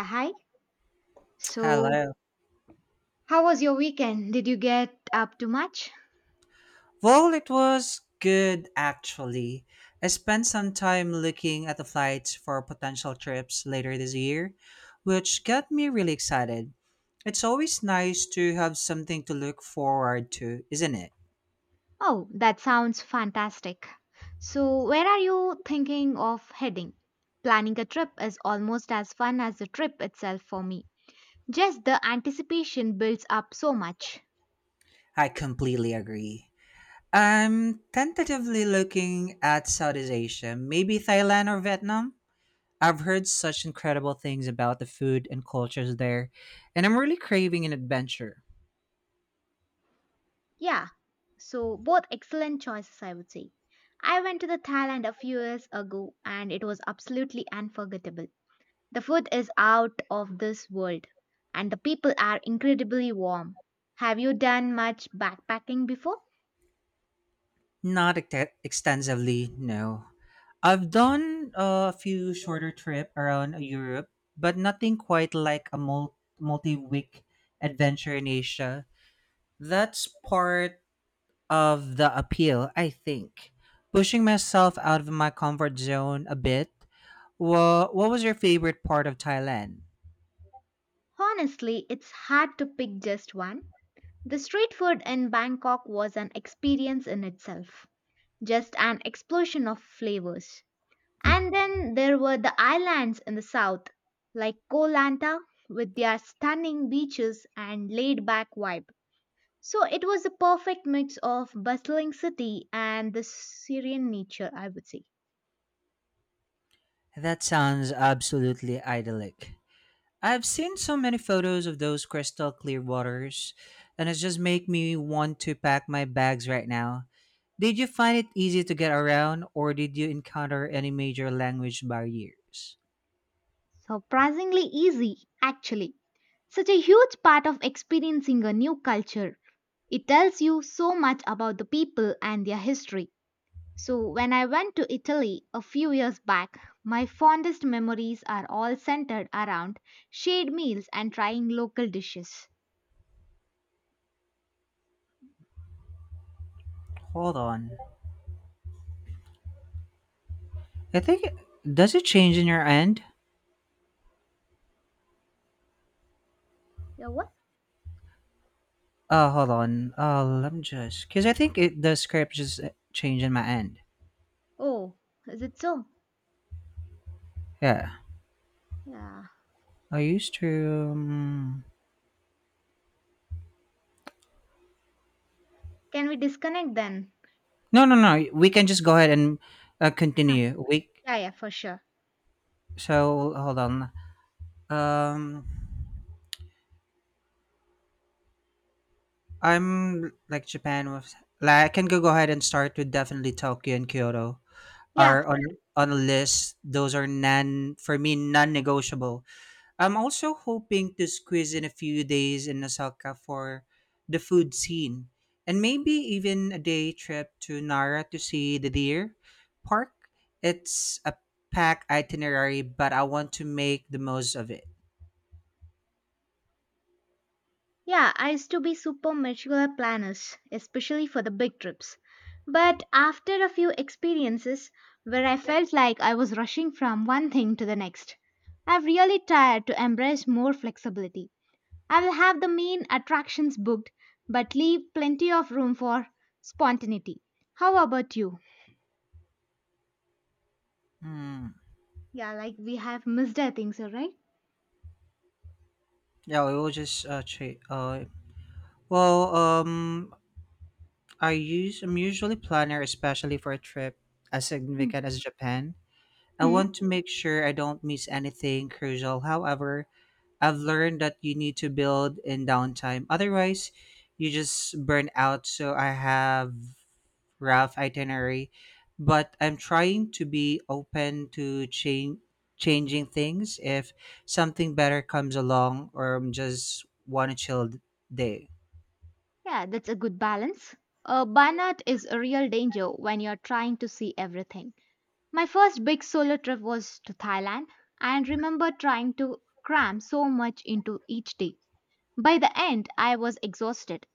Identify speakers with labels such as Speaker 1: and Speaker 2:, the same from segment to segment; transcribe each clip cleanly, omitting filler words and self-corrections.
Speaker 1: Hi. So,
Speaker 2: Hello.
Speaker 1: how was your weekend? Did you get up to much?
Speaker 2: Well, it was good actually. I spent some time looking at the flights for potential trips later this year, which got me really excited. It's always nice to have something to look forward to, isn't it?
Speaker 1: Oh, that sounds fantastic. So, where are you thinking of heading? Planning a trip is almost as fun as the trip itself for me. Just the anticipation builds up so much.
Speaker 2: I completely agree. I'm tentatively looking at Southeast Asia, maybe Thailand or Vietnam. I've heard such incredible things about the food and cultures there, and I'm really craving an adventure.
Speaker 1: Yeah. So, both excellent choices, I would say. I went to the Thailand a few years ago and it was absolutely unforgettable. The food is out of this world and the people are incredibly warm. Have you done much backpacking before?
Speaker 2: Not extensively, no. I've done a few shorter trip around Europe, but nothing quite like a multi-week adventure in Asia. That's part of the appeal, I think. Pushing myself out of my comfort zone a bit. Well, what was your favorite part of Thailand?
Speaker 1: Honestly, it's hard to pick just one. The street food in Bangkok was an experience in itself, just an explosion of flavors. And then there were the islands in the south, like Koh Lanta, with their stunning beaches and laid back vibe. So it was a perfect mix of bustling city and the Syrian nature, I would say.
Speaker 2: That sounds absolutely idyllic. I've seen so many photos of those crystal clear waters, and it just make me want to pack my bags right now. Did you find it easy to get around, or did you encounter any major language barriers?
Speaker 1: Surprisingly easy, actually. Such a huge part of experiencing a new culture. It tells you so much about the people and their history. So, when I went to Italy a few years back, my fondest memories are all centered around shared meals and trying local dishes.
Speaker 2: Hold on. I think, does it change in your end?
Speaker 1: Yeah, what?
Speaker 2: Hold on. Let me just, because I think it the script just changed in my end.
Speaker 1: Oh, is it so?
Speaker 2: Yeah,
Speaker 1: Yeah.
Speaker 2: I used to. Um,
Speaker 1: Can we disconnect then?
Speaker 2: no, no, no. We can just go ahead and
Speaker 1: Ah,
Speaker 2: continue. We,
Speaker 1: yeah, yeah, for sure.
Speaker 2: so hold on. Um. I'm like Japan was like I can go ahead and start with definitely Tokyo and Kyoto
Speaker 1: Yeah,
Speaker 2: are on on a list. Those are non for me non-negotiable. I'm also hoping to squeeze in a few days in Osaka for the food scene and maybe even a day trip to Nara to see the deer park. It's a packed itinerary, but I want to make the most of it.
Speaker 1: yeah, I used to be super meticulous planners, especially for the big trips. But after a few experiences where I felt like I was rushing from one thing to the next, I've really tried to embrace more flexibility. I will have the main attractions booked, but leave plenty of room for spontaneity. How about you?
Speaker 2: Hmm.
Speaker 1: Yeah, like we have missed, I think so, right?
Speaker 2: Yeah, we will just well, I'm usually planner, especially for a trip as significant as Japan. I
Speaker 1: Hmm.
Speaker 2: want to make sure I don't miss anything crucial. However, I've learned that you need to build in downtime. Otherwise, you just burn out. So I have rough itinerary, but I'm trying to be open to change changing things if something better comes along or I'm just want a chill day.
Speaker 1: Yeah, that's a good balance. Burnout is a real danger when you're trying to see everything. My first big solo trip was to Thailand and remember trying to cram so much into each day. By the end, I was exhausted,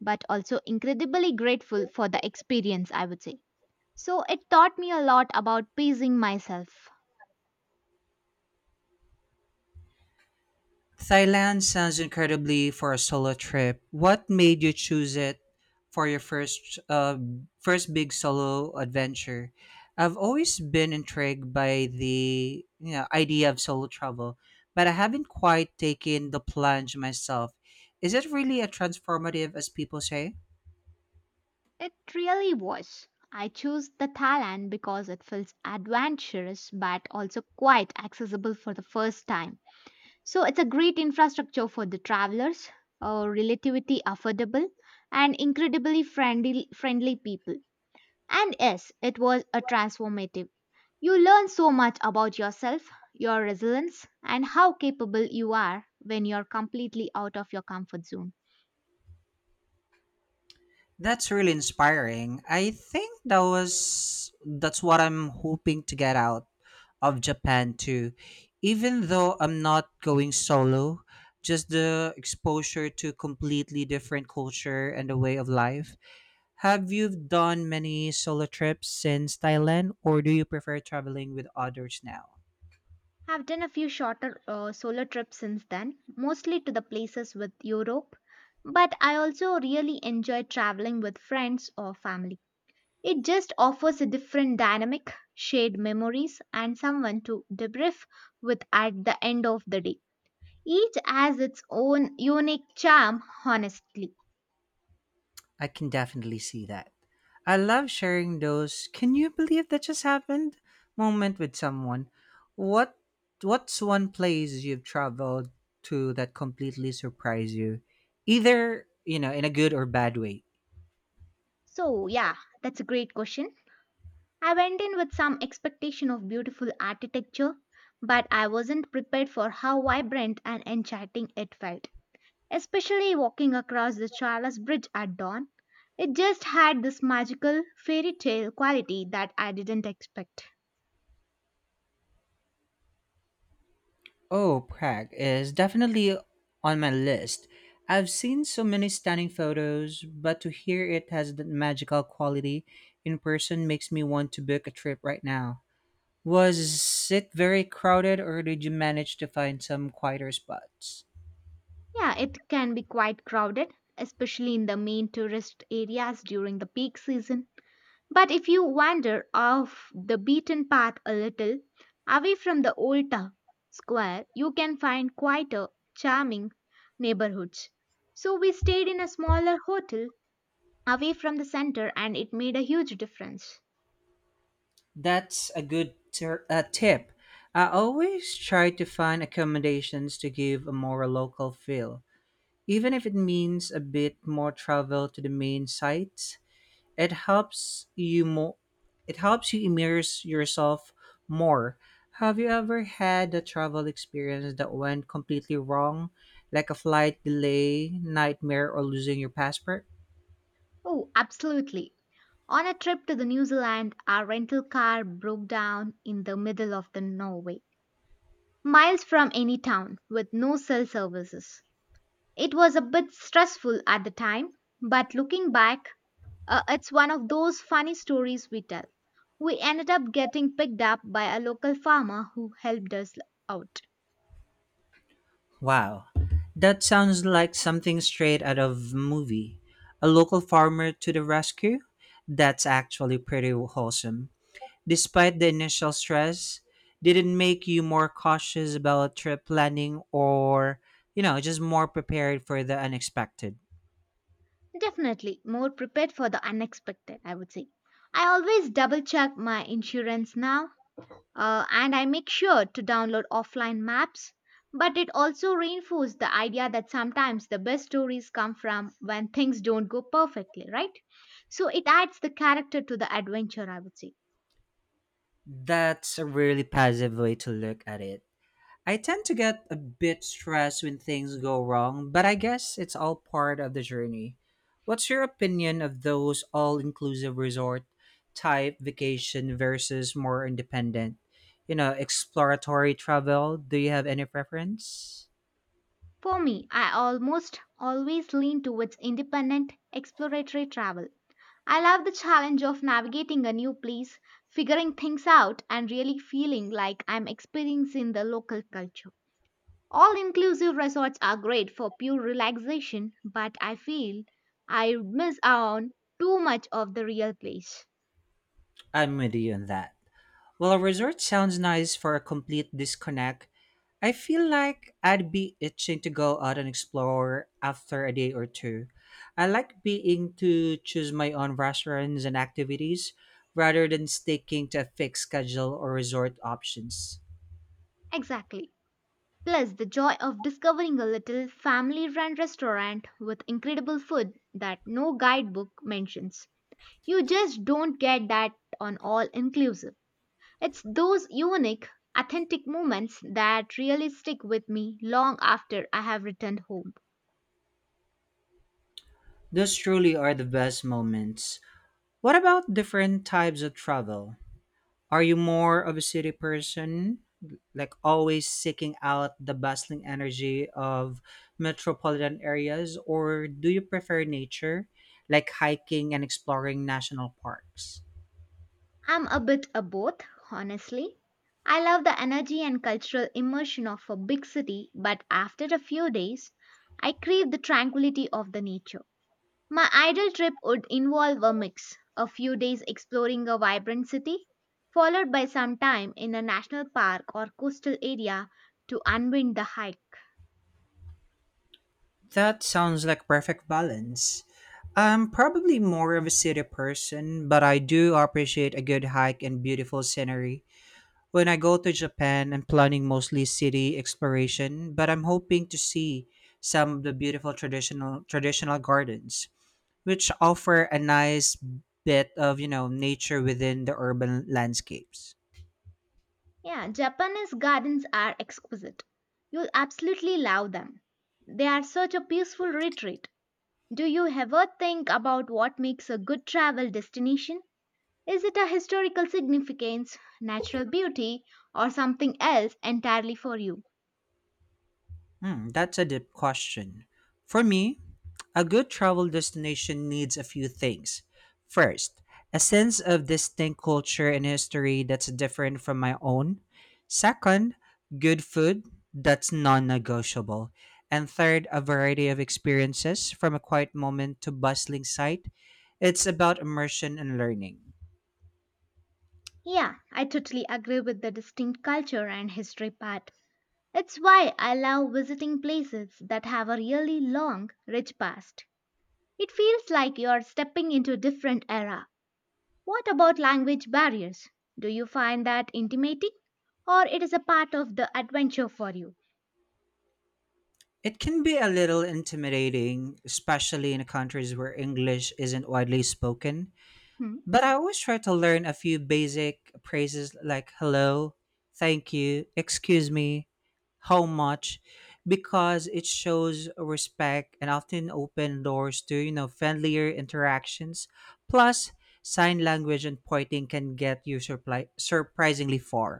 Speaker 1: but also incredibly grateful for the experience, I would say. So it taught me a lot about pacing myself.
Speaker 2: Thailand sounds incredibly for a solo trip. What made you choose it for your first big solo adventure? I've always been intrigued by the idea of solo travel, but I haven't quite taken the plunge myself. Is it really a transformative as people say?
Speaker 1: It really was. I chose the Thailand because it feels adventurous but also quite accessible for the first time. So it's a great infrastructure for the travelers, relatively affordable, and incredibly friendly people. And yes, it was a transformative. You learn so much about yourself, your resilience, and how capable you are when you're completely out of your comfort zone.
Speaker 2: That's really inspiring. I think that's what I'm hoping to get out of Japan too. Even though I'm not going solo, just the exposure to completely different culture and the way of life. Have you done many solo trips since Thailand or do you prefer traveling with others now?
Speaker 1: I've done a few shorter solo trips since then, mostly to the places with Europe, but I also really enjoy traveling with friends or family. It just offers a different dynamic, shared memories, and someone to debrief with at the end of the day. Each has its own unique charm, honestly.
Speaker 2: I can definitely see that. I love sharing those "can you believe that just happened" moment with someone. What what's one place you've traveled to that completely surprised you? Either, you know, in a good or bad way.
Speaker 1: So, yeah, that's a great question. I went in with some expectation of beautiful architecture, but I wasn't prepared for how vibrant and enchanting it felt. Especially walking across the Charles Bridge at dawn, it just had this magical fairy tale quality that I didn't expect.
Speaker 2: Oh, Prague is definitely on my list. I've seen so many stunning photos, but to hear it has that magical quality in person makes me want to book a trip right now. Was it very crowded, or did you manage to find some quieter spots?
Speaker 1: Yeah, it can be quite crowded, especially in the main tourist areas during the peak season. But if you wander off the beaten path a little, away from the old town square, you can find quite charming neighborhoods. So we stayed in a smaller hotel away from the center and it made a huge difference.
Speaker 2: That's a good tip. I always try to find accommodations to give a more local feel. Even if it means a bit more travel to the main sites, it helps you more it helps you immerse yourself more. Have you ever had a travel experience that went completely wrong, like a flight delay, nightmare, or losing your passport?
Speaker 1: Oh, absolutely. On a trip to the New Zealand, our rental car broke down in the middle of the Norway, miles from any town with no cell services. It was a bit stressful at the time, but looking back, it's one of those funny stories we tell. We ended up getting picked up by a local farmer who helped us out.
Speaker 2: Wow, that sounds like something straight out of movie. A local farmer to the rescue? That's actually pretty wholesome. Despite the initial stress, did it make you more cautious about trip planning or, you know, just more prepared for the unexpected?
Speaker 1: Definitely more prepared for the unexpected, I would say. I always double check my insurance now and I make sure to download offline maps. But it also reinforced the idea that sometimes the best stories come from when things don't go perfectly, right? So it adds the character to the adventure, I would say.
Speaker 2: That's a really positive way to look at it. I tend to get a bit stressed when things go wrong, but I guess it's all part of the journey. What's your opinion of those all inclusive resort type vacation versus more independent, you know, exploratory travel? Do you have any preference?
Speaker 1: For me, I almost always lean towards independent, exploratory travel. I love the challenge of navigating a new place, figuring things out, and really feeling like I'm experiencing the local culture. All inclusive resorts are great for pure relaxation, but I feel I miss out on too much of the real place.
Speaker 2: I'm with you on that. While a resort sounds nice for a complete disconnect, I feel like I'd be itching to go out and explore after a day or two. I like being to choose my own restaurants and activities rather than sticking to a fixed schedule or resort options.
Speaker 1: Exactly. Plus, the joy of discovering a little family run restaurant with incredible food that no guidebook mentions. You just don't get that on all inclusive. It's those unique, authentic moments that really stick with me long after I have returned home.
Speaker 2: Those truly are the best moments. What about different types of travel? Are you more of a city person, like always seeking out the bustling energy of metropolitan areas, or do you prefer nature, like hiking and exploring national parks?
Speaker 1: I'm a bit of both, honestly. I love the energy and cultural immersion of a big city, but after a few days, I crave the tranquility of the nature. My ideal trip would involve a mix a few days exploring a vibrant city, followed by some time in a national park or coastal area to unwind the hike.
Speaker 2: That sounds like perfect balance. I'm probably more of a city person, but I do appreciate a good hike and beautiful scenery. When I go to Japan, I'm planning mostly city exploration, but I'm hoping to see some of the beautiful traditional gardens, which offer a nice bit of, you know, nature within the urban landscapes.
Speaker 1: Yeah, Japanese gardens are exquisite. You'll absolutely love them. They are such a peaceful retreat. Do you ever think about what makes a good travel destination? Is it a historical significance, natural beauty, or something else entirely for you?
Speaker 2: Hmm, that's a deep question. For me, a good travel destination needs a few things. First, a sense of distinct culture and history that's different from my own. Second, good food, that's non negotiable. And third, a variety of experiences from a quiet moment to bustling sight. It's about immersion and learning.
Speaker 1: Yeah, I totally agree with the distinct culture and history part. It's why I love visiting places that have a really long, rich past. It feels like you're stepping into a different era. What about language barriers? Do you find that intimating? Or it is a part of the adventure for you?
Speaker 2: It can be a little intimidating, especially in countries where English isn't widely spoken.
Speaker 1: Hmm?
Speaker 2: But I always try to learn a few basic phrases like hello, thank you, excuse me, how much, because it shows respect and often open doors to, you know, friendlier interactions. Plus, sign language and pointing can get you surprisingly far.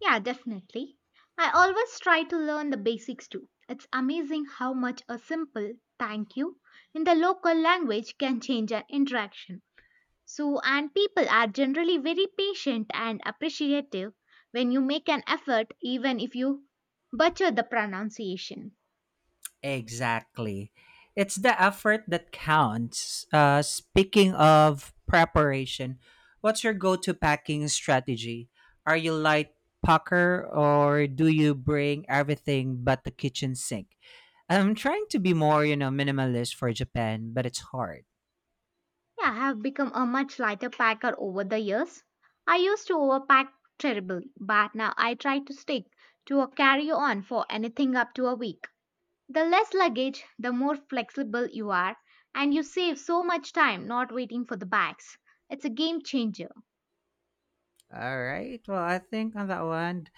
Speaker 1: Yeah, definitely. I always try to learn the basics too. It's amazing how much a simple thank you in the local language can change an interaction. So, and people are generally very patient and appreciative when you make an effort, even if you butcher the pronunciation.
Speaker 2: Exactly. It's the effort that counts. Speaking of preparation, what's your go to packing strategy? Are you light packer or do you bring everything but the kitchen sink? I'm trying to be more, you know, minimalist for Japan, but it's hard.
Speaker 1: Yeah, I have become a much lighter packer over the years. I used to overpack terribly, but now I try to stick to a carry on for anything up to a week. The less luggage, the more flexible you are, and you save so much time not waiting for the bags. It's a game changer.
Speaker 2: All right. Well, I think on that one,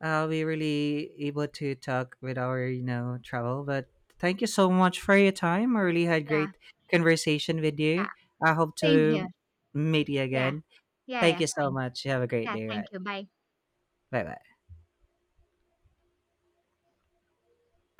Speaker 2: we really able to talk with our travel, but thank you so much for your time. I really had
Speaker 1: Yeah,
Speaker 2: great conversation with
Speaker 1: yeah,
Speaker 2: you. I hope
Speaker 1: same here.
Speaker 2: to meet you
Speaker 1: Yeah,
Speaker 2: again.
Speaker 1: yeah,
Speaker 2: Thank
Speaker 1: yeah,
Speaker 2: you so
Speaker 1: fine.
Speaker 2: much. You have a great
Speaker 1: Yeah,
Speaker 2: day,
Speaker 1: thank
Speaker 2: right?
Speaker 1: you. Bye.
Speaker 2: Bye bye.